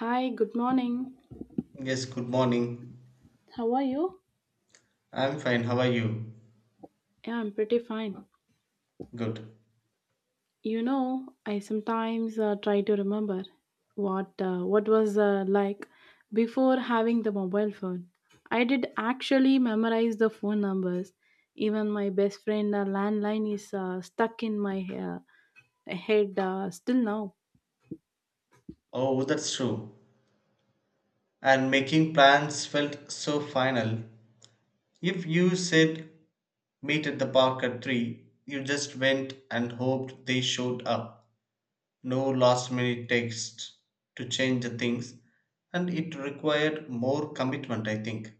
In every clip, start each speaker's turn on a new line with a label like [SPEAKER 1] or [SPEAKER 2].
[SPEAKER 1] Hi, good morning.
[SPEAKER 2] Yes, good morning.
[SPEAKER 1] How are you?
[SPEAKER 2] I'm fine. How are you?
[SPEAKER 1] Yeah, I'm pretty fine.
[SPEAKER 2] Good.
[SPEAKER 1] You know, I sometimes try to remember what was like before having the mobile phone. I did actually memorize the phone numbers. Even my best friend landline is stuck in my uh, head still now.
[SPEAKER 2] Oh, that's true. And making plans felt so final. If you said meet at the park at 3, you just went and hoped they showed up. No last minute text to change the things. And it required more commitment, I think.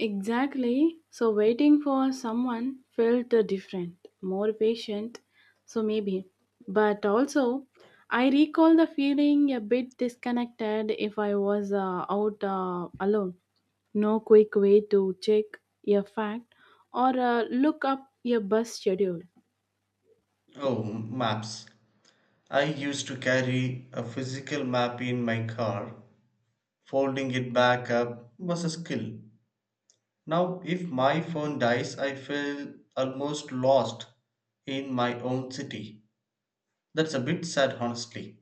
[SPEAKER 1] Exactly. So waiting for someone felt different, more patient. So maybe. But also, I recall the feeling a bit disconnected if I was out alone. No quick way to check a fact or look up a bus schedule.
[SPEAKER 2] Oh, maps. I used to carry a physical map in my car. Folding it back up was a skill. Now, if my phone dies, I feel almost lost in my own city. That's a bit sad, honestly.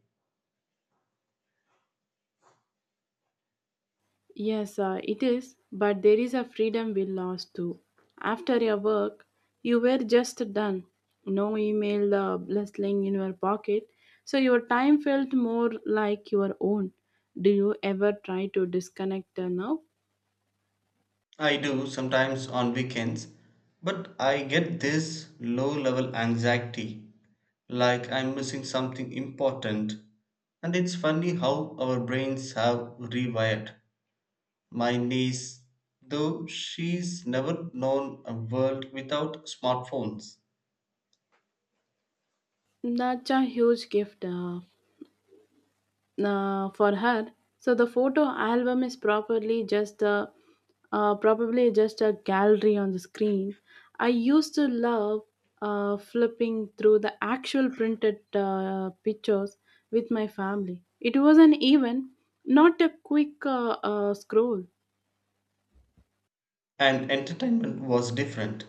[SPEAKER 1] Yes, it is, but there is a freedom we lost too. After your work, you were just done. No email blessing in your pocket, so your time felt more like your own. Do you ever try to disconnect now?
[SPEAKER 2] I do sometimes on weekends, but I get this low level anxiety like I'm missing something important. And it's funny how our brains have rewired. My niece, though she's never known a world without smartphones,
[SPEAKER 1] That's a huge gift. For her. So the photo album is properly just a probably just a gallery on the screen. I used to love flipping through the actual printed pictures with my family. It was an even not a quick scroll.
[SPEAKER 2] and entertainment was different.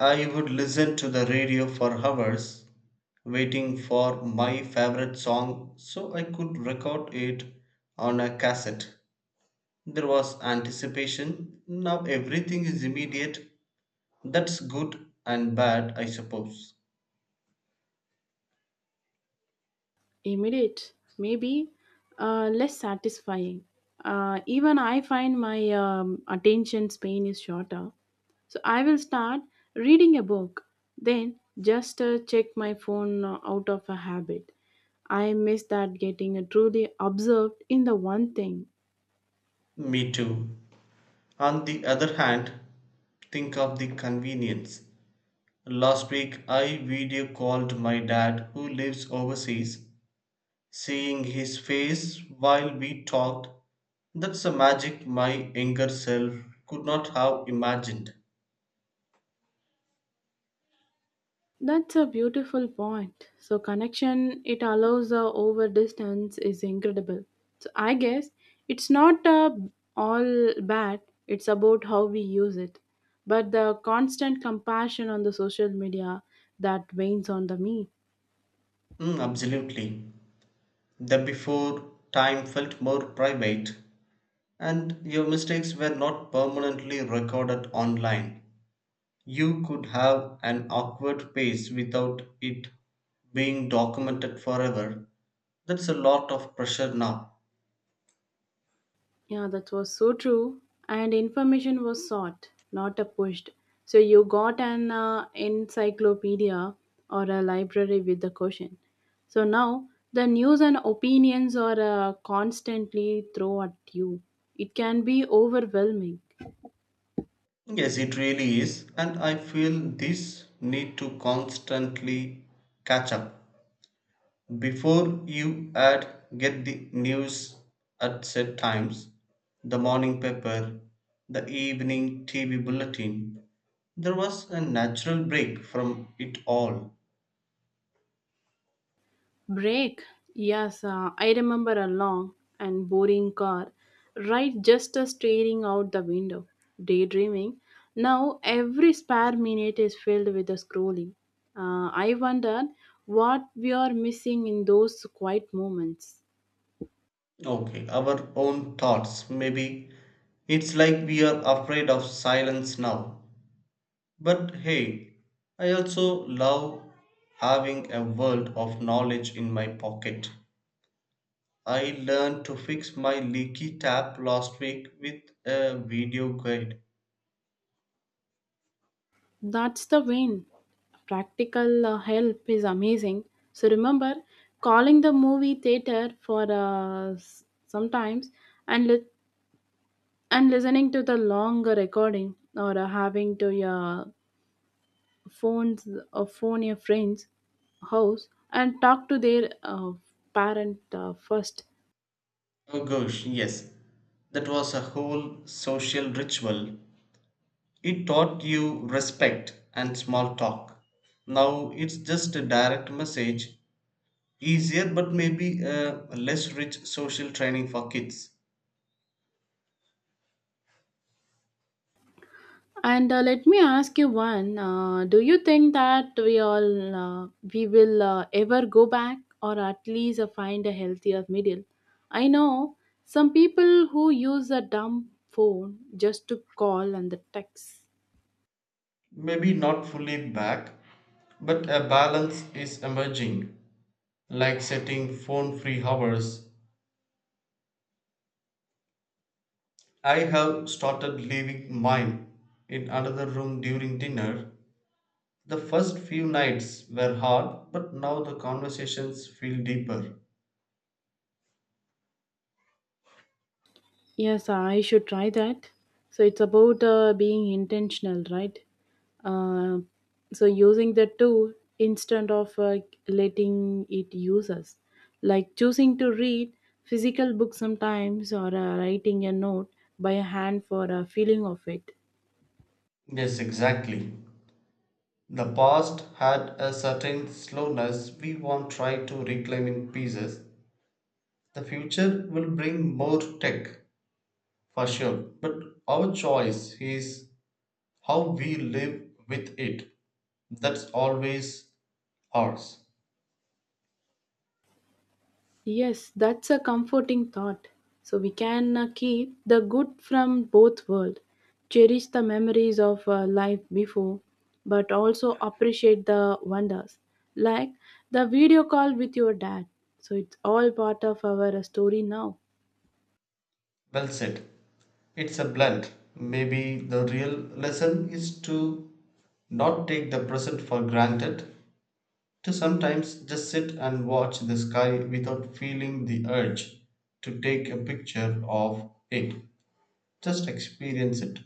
[SPEAKER 2] I would listen to the radio for hours waiting for my favorite song so I could record it on a cassette. There was anticipation. Now everything is immediate. That's good and bad, I suppose.
[SPEAKER 1] Immediate, maybe less satisfying. Even I find my attention span is shorter. So I will start reading a book, then just check my phone out of a habit. I miss that getting truly observed in the one thing.
[SPEAKER 2] Me too. On the other hand, think of the convenience. Last week, I video called my dad who lives overseas. Seeing his face while we talked, that's a magic my younger self could not have imagined.
[SPEAKER 1] That's a beautiful point. So connection it allows over distance is incredible. So I guess it's not all bad. It's about how we use it. But the constant compassion on the social media that wanes on the me.
[SPEAKER 2] Mm, absolutely. The before time felt more private, and your mistakes were not permanently recorded online. You could have an awkward pace without it being documented forever. That's a lot of pressure now.
[SPEAKER 1] Yeah, that was so true. And information was sought, not a pushed. So you got an encyclopedia or a library with the question. So now the news and opinions are constantly thrown at you. It can be overwhelming.
[SPEAKER 2] Yes, it really is. And I feel this need to constantly catch up. Before you ad get the news at set times, the morning paper, the evening TV bulletin, there was a natural break from it all.
[SPEAKER 1] Break. Yes, I remember a long and boring car ride just staring out the window, daydreaming. Now every spare minute is filled with the scrolling. I wondered what we are missing in those quiet moments.
[SPEAKER 2] Okay, our own thoughts. Maybe it's like we are afraid of silence now. But hey, I also love having a world of knowledge in my pocket. I learned to fix my leaky tap last week with a video guide.
[SPEAKER 1] That's the win. Practical help is amazing. So remember calling the movie theater for sometimes and let and listening to the long recording or having to your phones or phone your friends house and talk to their parent first
[SPEAKER 2] Oh gosh, yes. That was a whole social ritual. It taught you respect and small talk. Now it's just a direct message. Easier but maybe a less rich social training for kids.
[SPEAKER 1] and let me ask you one do you think that we all we will ever go back or at least find a healthier middle. I know some people who use a dumb phone just to call and the text.
[SPEAKER 2] Maybe not fully back, but a balance is emerging, like setting phone free hours. I have started leaving mine in another room during dinner. The first few nights were hard, but now the conversations feel deeper.
[SPEAKER 1] Yes, I should try that. So it's about being intentional, right? Uh, so using the tool instead of letting it use us, like choosing to read physical books sometimes or writing a note by hand for a feeling of it.
[SPEAKER 2] Yes, exactly. The past had a certain slowness we won't try to reclaim in pieces. The future will bring more tech for sure, but our choice is how we live with it. That's always ours.
[SPEAKER 1] Yes, that's a comforting thought. So we can keep the good from both worlds, cherish the memories of life before, but also appreciate the wonders, like the video call with your dad. So it's all part of our story now.
[SPEAKER 2] Well said. It's a blunt. Maybe the real lesson is to not take the present for granted, to sometimes just sit and watch the sky without feeling the urge to take a picture of it. Just experience it.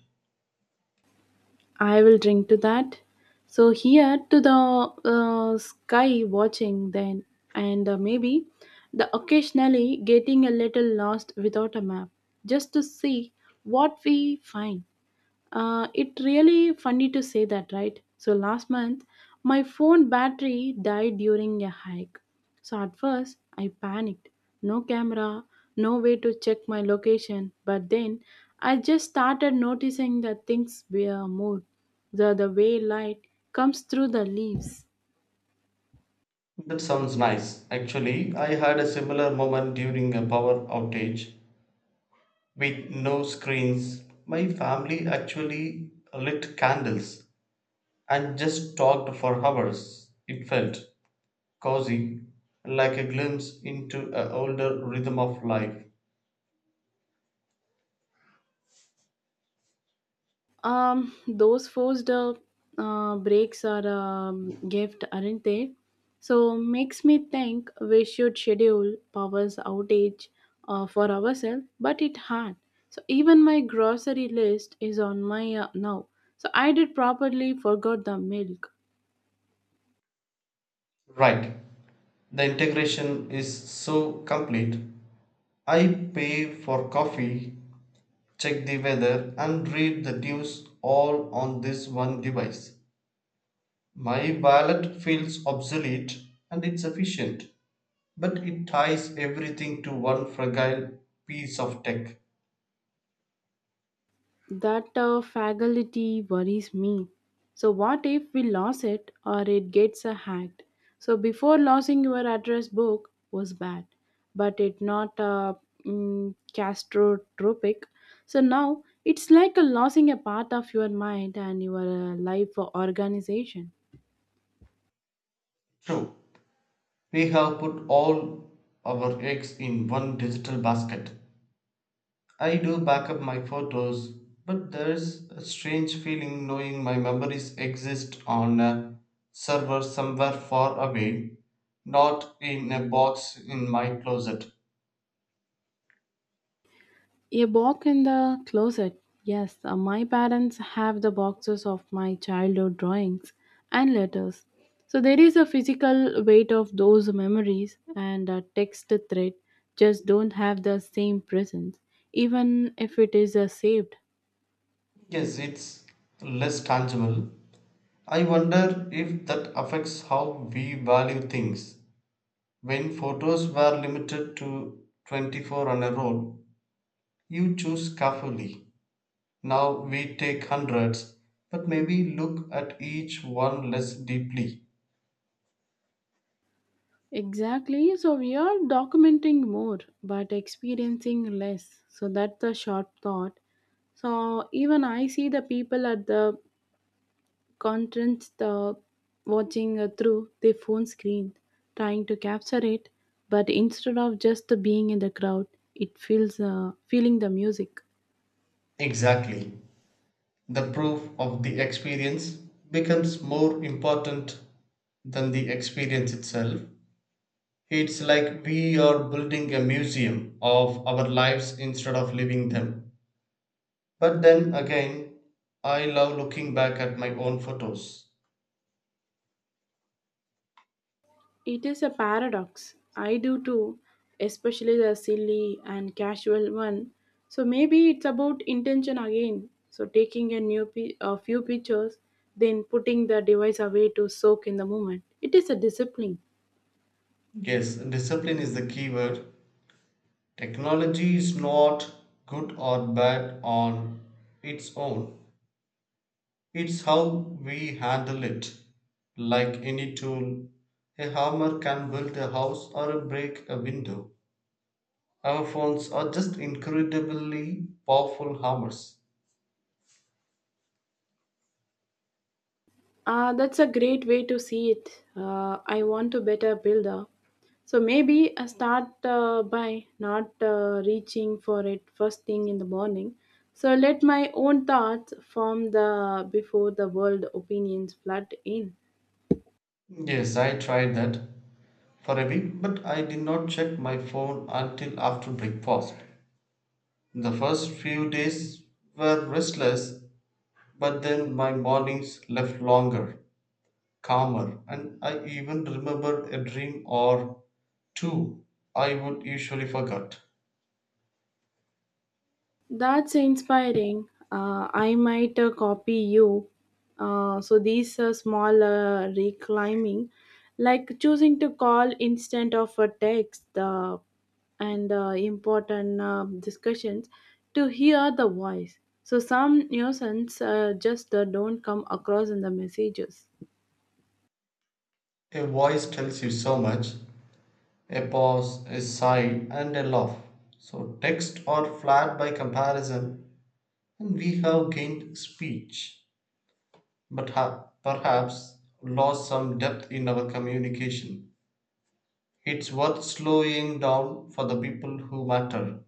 [SPEAKER 1] I will drink to that. So here to the sky watching then, and maybe the occasionally getting a little lost without a map, just to see what we find. It really funny to say that, right? So last month, my phone battery died during a hike. So at first, I panicked. No camera, no way to check my location. But then, I just started noticing that things were moved. The way light comes through the leaves.
[SPEAKER 2] That sounds nice. Actually, I had a similar moment during a power outage with no screens. My family actually lit candles and just talked for hours. It felt cozy, like a glimpse into an older rhythm of life.
[SPEAKER 1] Those forced breaks are gift, aren't they? So makes me think we should schedule powers outage for ourselves, but it hard. So even my grocery list is on my now. So I did properly forgot the milk.
[SPEAKER 2] Right, the integration is so complete. I pay for coffee, check the weather, and read the news all on this one device. My wallet feels obsolete and it's efficient. But it ties everything to one fragile piece of tech.
[SPEAKER 1] That faculty worries me. So, what if we lose it or it gets hacked? So, before losing your address book was bad, but it not castrotropic. So now it's like a losing a part of your mind and your life organization.
[SPEAKER 2] True, we have put all our eggs in one digital basket. I do back up my photos, but there's a strange feeling knowing my memories exist on a server somewhere far away, not in a box in my closet.
[SPEAKER 1] A box in the closet. Yes, my parents have the boxes of my childhood drawings and letters. So there is a physical weight of those memories and a text thread just don't have the same presence, even if it is saved.
[SPEAKER 2] Yes, it's less tangible. I wonder if that affects how we value things. When photos were limited to 24 on a roll, you choose carefully. Now we take hundreds, but maybe look at each one less deeply.
[SPEAKER 1] Exactly. So we are documenting more but experiencing less. So that's the short thought. So even I see the people at the contrast the watching through the phone screen, trying to capture it, but instead of just being in the crowd, it feels feeling the music.
[SPEAKER 2] Exactly. The proof of the experience becomes more important than the experience itself. It's like we are building a museum of our lives instead of living them. But then again, I love looking back at my own photos.
[SPEAKER 1] It is a paradox. I do too, especially the silly and casual one. So maybe it's about intention again. So taking a a few pictures, then putting the device away to soak in the moment. It is a discipline.
[SPEAKER 2] Yes, discipline is the key word. Technology is not good or bad on its own. It's how we handle it. Like any tool, a hammer can build a house or break a window. Our phones are just incredibly powerful hammers.
[SPEAKER 1] That's a great way to see it. I want to better build up. So maybe I start by not reaching for it first thing in the morning. So let my own thoughts form the before the world opinions flood in.
[SPEAKER 2] Yes, I tried that for a week, but I did not check my phone until after breakfast. The first few days were restless. But then my mornings left longer, calmer, and I even remembered a dream or two I would usually forget.
[SPEAKER 1] That's inspiring. I might copy you. So these small reclaiming, like choosing to call instead of a text, and important discussions to hear the voice. So some nuisance just don't come across in the messages.
[SPEAKER 2] A voice tells you so much, a pause, a sigh, and a laugh. So, text are flat by comparison, and we have gained speech, but have perhaps lost some depth in our communication. It's worth slowing down for the people who matter.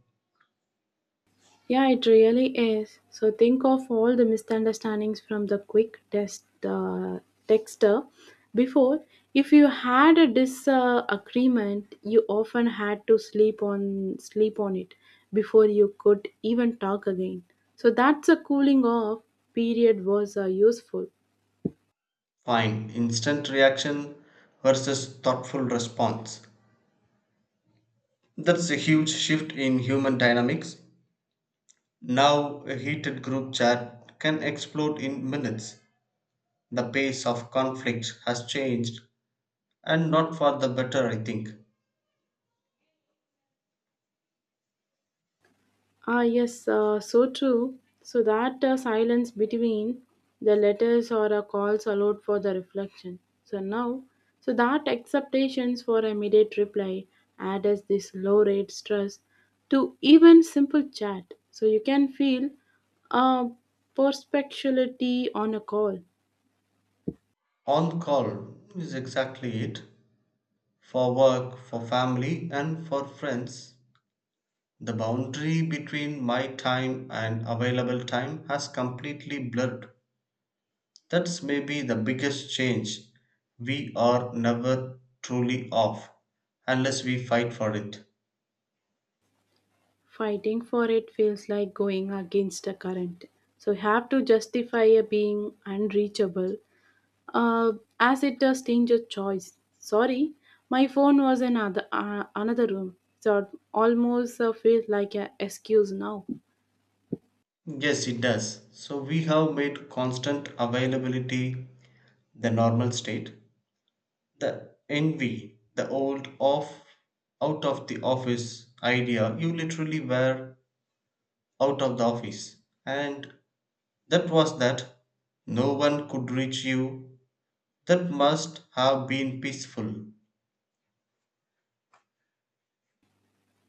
[SPEAKER 1] Yeah, it really is. So think of all the misunderstandings from the quick test texter before. If you had a disagreement, you often had to sleep on it before you could even talk again. So that's a cooling off period was useful.
[SPEAKER 2] Fine, instant reaction versus thoughtful response. That's a huge shift in human dynamics. Now, a heated group chat can explode in minutes. The pace of conflict has changed, and not for the better, I think.
[SPEAKER 1] Ah, yes, so true. So that silence between the letters or calls allowed for the reflection. So now, so that acceptations for immediate reply adds this low rate stress to even simple chat. So you can feel a perspectuality on a call.
[SPEAKER 2] On call is exactly it for work, for family, and for friends. The boundary between my time and available time has completely blurred. That's maybe the biggest change. We are never truly off unless we fight for it.
[SPEAKER 1] Fighting for it feels like going against the current. So you have to justify a being unreachable uh, as it a stranger's choice. Sorry, my phone was in another room, so it almost feels like an excuse now.
[SPEAKER 2] Yes, it does. So we have made constant availability the normal state. The envy, the old off, out of the office idea, you literally were out of the office. And that was that. No one could reach you. That must have been peaceful.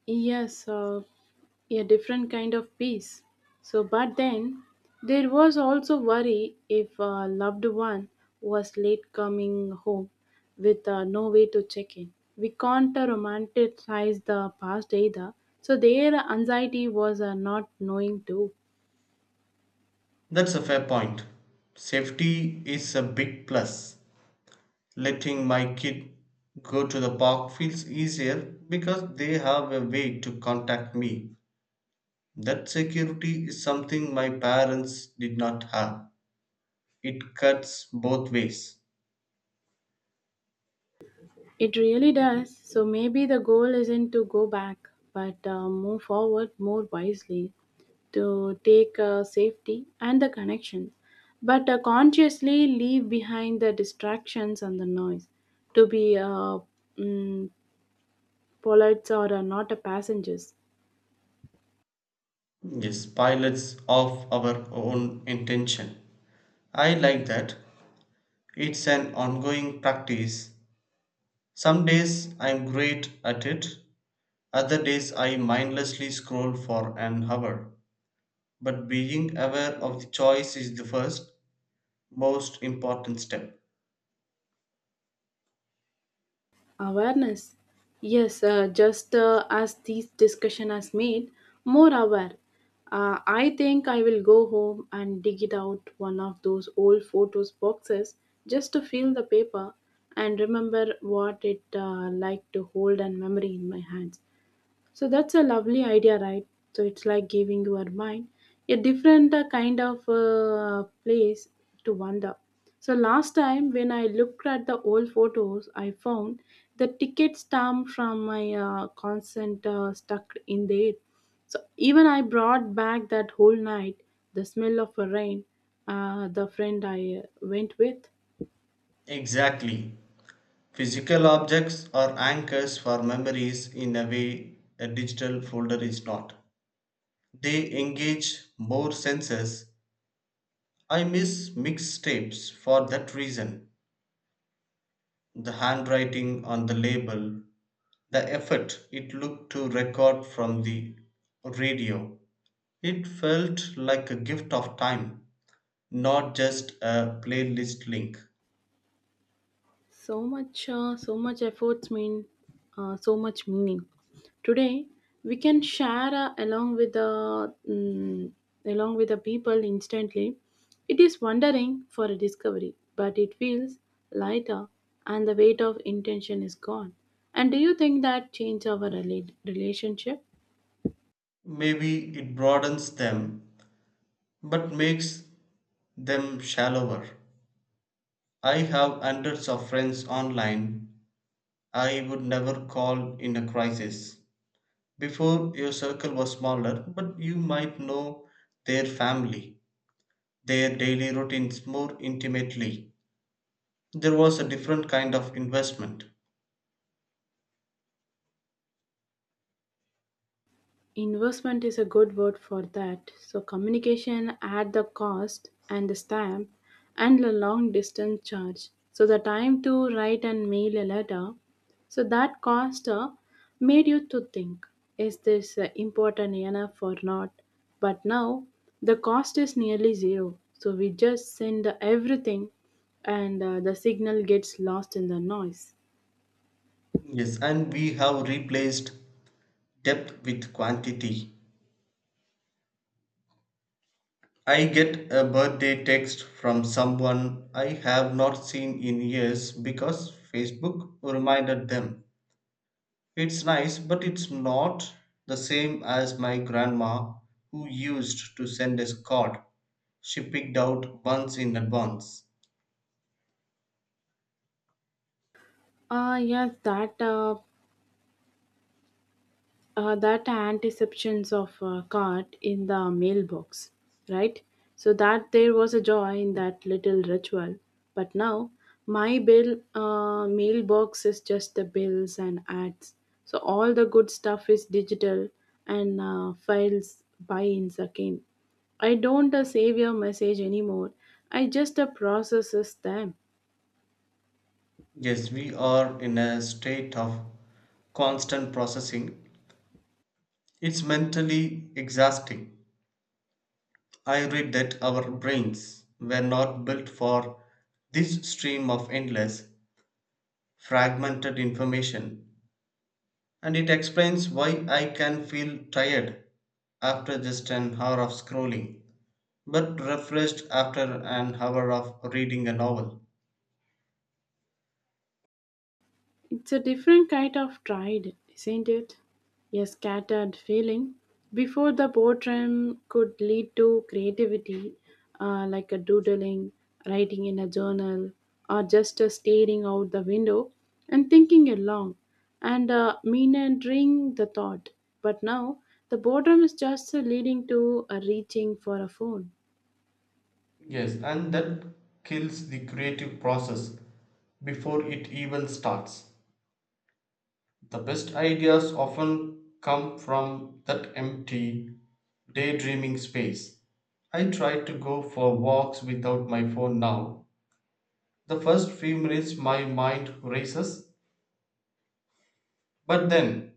[SPEAKER 1] Yes, a different kind of peace. So, but then there was also worry if a loved one was late coming home with no way to check in. We can't romanticize the past either. So, their anxiety was not knowing too.
[SPEAKER 2] That's a fair point. Safety is a big plus. Letting my kid go to the park feels easier because they have a way to contact me. That security is something my parents did not have. It cuts both ways.
[SPEAKER 1] It really does. So maybe the goal isn't to go back, but move forward more wisely to take safety and the connections, but consciously leave behind the distractions and the noise to be mm, polite or not a passengers.
[SPEAKER 2] Yes, pilots of our own intention. I like that. It's an ongoing practice. Some days I'm great at it, other days I mindlessly scroll for an hour. But being aware of the choice is the first, most important step.
[SPEAKER 1] Awareness. Yes, just as this discussion has made more aware. I think I will go home and dig it out one of those old photos boxes just to feel the paper and remember what it like to hold and memory in my hands. So that's a lovely idea, right? So it's like giving your mind a different kind of place to wander. So last time when I looked at the old photos, I found the ticket stamp from my consent stuck in there. So even I brought back that whole night the smell of a rain, the friend I went with.
[SPEAKER 2] Exactly. Physical objects are anchors for memories in a way a digital folder is not. They engage more senses. I miss mixtapes for that reason. The handwriting on the label, the effort it took to record from the radio, it felt like a gift of time, not just a playlist link.
[SPEAKER 1] So much, so much efforts mean so much meaning. Today, we can share along with the along with the people instantly. It is wondering for a discovery, but it feels lighter, and the weight of intention is gone. And do you think that change our relationship?
[SPEAKER 2] Maybe it broadens them, but makes them shallower. I have hundreds of friends online I would never call in a crisis. Before, your circle was smaller, but you might know their family, their daily routines more intimately. There was a different kind of investment.
[SPEAKER 1] Investment is a good word for that. So, communication at the cost and the stamp and the long distance charge. So, the time to write and mail a letter. So, that cost made you to think is this important enough or not? But now the cost is nearly zero. So, we just send everything and the signal gets lost in the noise.
[SPEAKER 2] Yes, and we have replaced depth with quantity. I get a birthday text from someone I have not seen in years because Facebook reminded them. It's nice, but it's not the same as my grandma who used to send us card. She picked out months in advance.
[SPEAKER 1] Ah, yes, that anticipations of a cart in the mailbox, right? So that there was a joy in that little ritual. But now my bill mailbox is just the bills and ads. So all the good stuff is digital and files by in second. I don't save your message anymore. I just processes them.
[SPEAKER 2] Yes, we are in a state of constant processing. It's mentally exhausting. I read that our brains were not built for this stream of endless, fragmented information, and it explains why I can feel tired after just an hour of scrolling, but refreshed after an hour of reading a novel.
[SPEAKER 1] It's a different kind of tide, isn't it? A scattered feeling. Before the boredom could lead to creativity, like a doodling, writing in a journal, or just a staring out the window and thinking along and meandering the thought. But now, the boredom is just leading to a reaching for a phone.
[SPEAKER 2] Yes, and that kills the creative process before it even starts. The best ideas often come from that empty, daydreaming space. I try to go for walks without my phone now. The first few minutes my mind races, but then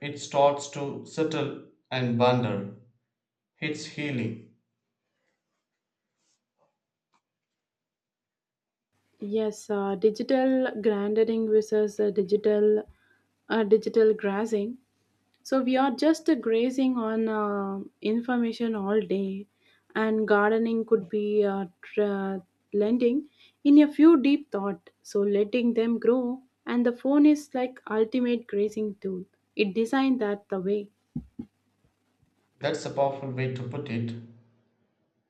[SPEAKER 2] it starts to settle and wander. It's healing.
[SPEAKER 1] Yes, digital grandering versus digital digital grazing. So we are just grazing on information all day, and gardening could be lending in a few deep thought. So letting them grow, and the phone is like ultimate grazing tool. It designed that the way.
[SPEAKER 2] That's a powerful way to put it.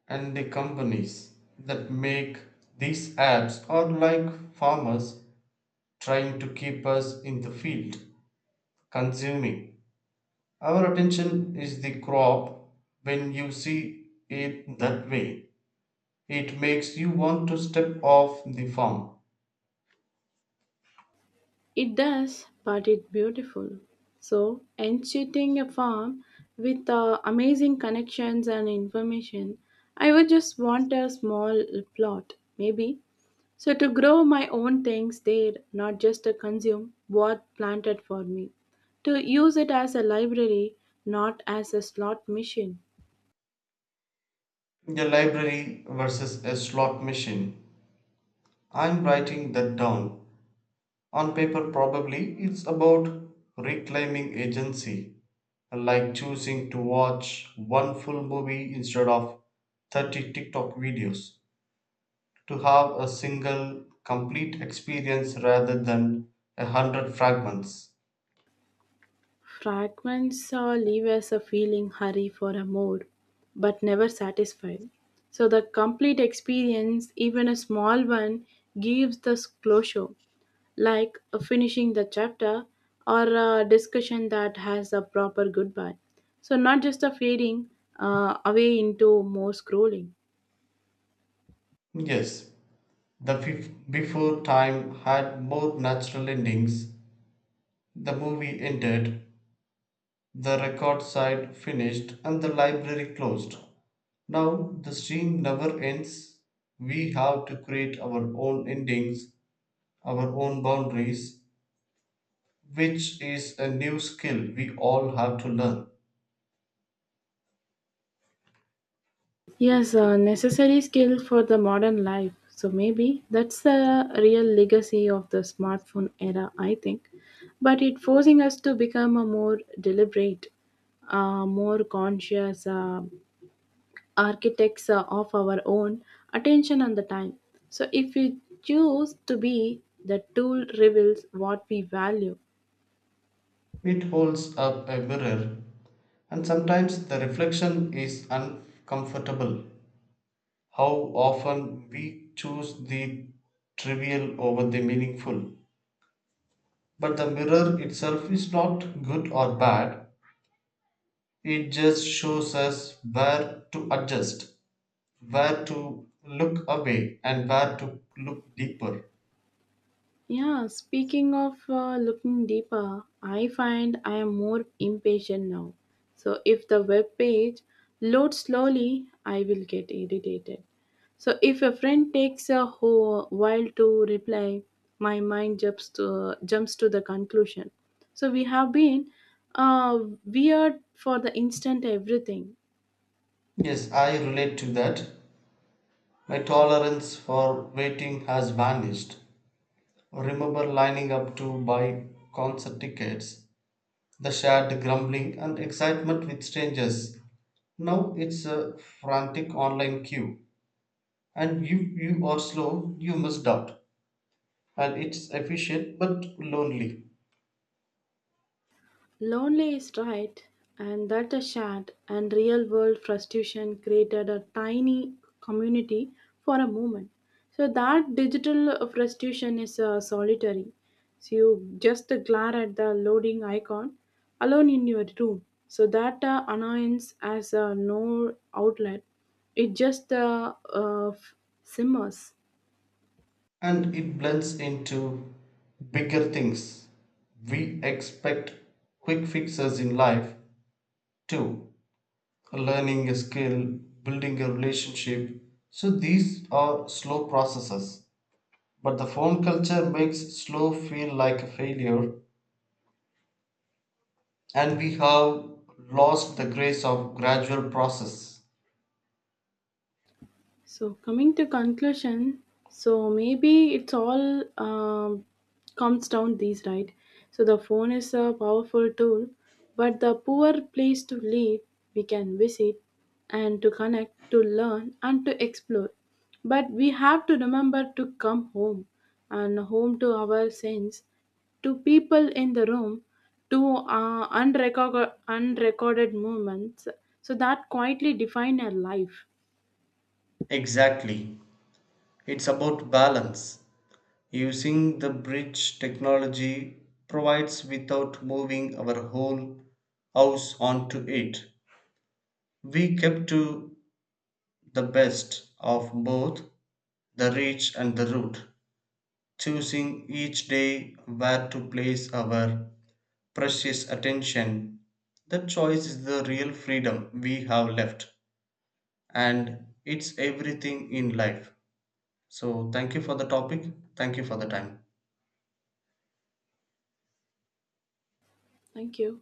[SPEAKER 2] And the companies that make these apps are like farmers trying to keep us in the field, consuming. Our attention is the crop. When you see it that way, it makes you want to step off the farm.
[SPEAKER 1] It does, but it's beautiful. So, enchanting a farm with amazing connections and information, I would just want a small plot, maybe. So, to grow my own things there, not just to consume what planted for me. To use it as a library, not as a slot machine.
[SPEAKER 2] A library versus a slot machine. I'm writing that down. On paper, probably it's about reclaiming agency, like choosing to watch one full movie instead of 30 TikTok videos, to have a single complete experience rather than a hundred fragments.
[SPEAKER 1] Fragments leave us a feeling hurry for a mood, but never satisfied. So the complete experience, even a small one, gives this closure, like finishing the chapter or a discussion that has a proper goodbye. So not just a fading away into more scrolling.
[SPEAKER 2] Yes, the before time had more natural endings. The movie ended, the record side finished, and the library closed. Now the stream never ends. We have to create our own endings, our own boundaries, which is a new skill we all have to learn.
[SPEAKER 1] Yes, a necessary skill for the modern life. So maybe that's the real legacy of the smartphone era, I think. But it forcing us to become a more deliberate, more conscious architects of our own attention and the time. So if we choose to be, the tool reveals what we value.
[SPEAKER 2] It holds up a mirror, and sometimes the reflection is uncomfortable. How often we choose the trivial over the meaningful. But the mirror itself is not good or bad, it just shows us where to adjust, where to look away, and where to look deeper.
[SPEAKER 1] Yeah, speaking of looking deeper, I find I am more impatient now. So if the web page loads slowly, I will get irritated. So if a friend takes a whole while to reply, my mind jumps to the conclusion. So we have been uh, weird for the instant everything.
[SPEAKER 2] Yes, I relate to that. My tolerance for waiting has vanished. Remember lining up to buy concert tickets, the shared grumbling and excitement with strangers. Now it's a frantic online queue, and you are slow, you must out. And it's efficient but lonely,
[SPEAKER 1] Lonely is right, and that a shared and real world frustration created a tiny community for a moment. So that digital frustration is solitary. So you just glare at the loading icon alone in your room. So that annoyance has no outlet. It just simmers.
[SPEAKER 2] and it blends into bigger things. We expect quick fixes in life too, learning a skill, building a relationship. So these are slow processes, but the phone culture makes slow feel like a failure, and we have lost the grace of gradual process.
[SPEAKER 1] So coming to conclusion, so maybe it's all comes down these right. So the phone is a powerful tool, but the poor place to live we can visit, and to connect, to learn, and to explore. But we have to remember to come home, and home to our sense, to people in the room, to unrecorded moments. So that quietly define our life.
[SPEAKER 2] Exactly. It's about balance. Using the bridge technology provides without moving our whole house onto it. We kept to the best of both, the reach and the route, choosing each day where to place our precious attention. That choice is the real freedom we have left, and it's everything in life. So, thank you for the topic. Thank you for the time.
[SPEAKER 1] Thank you.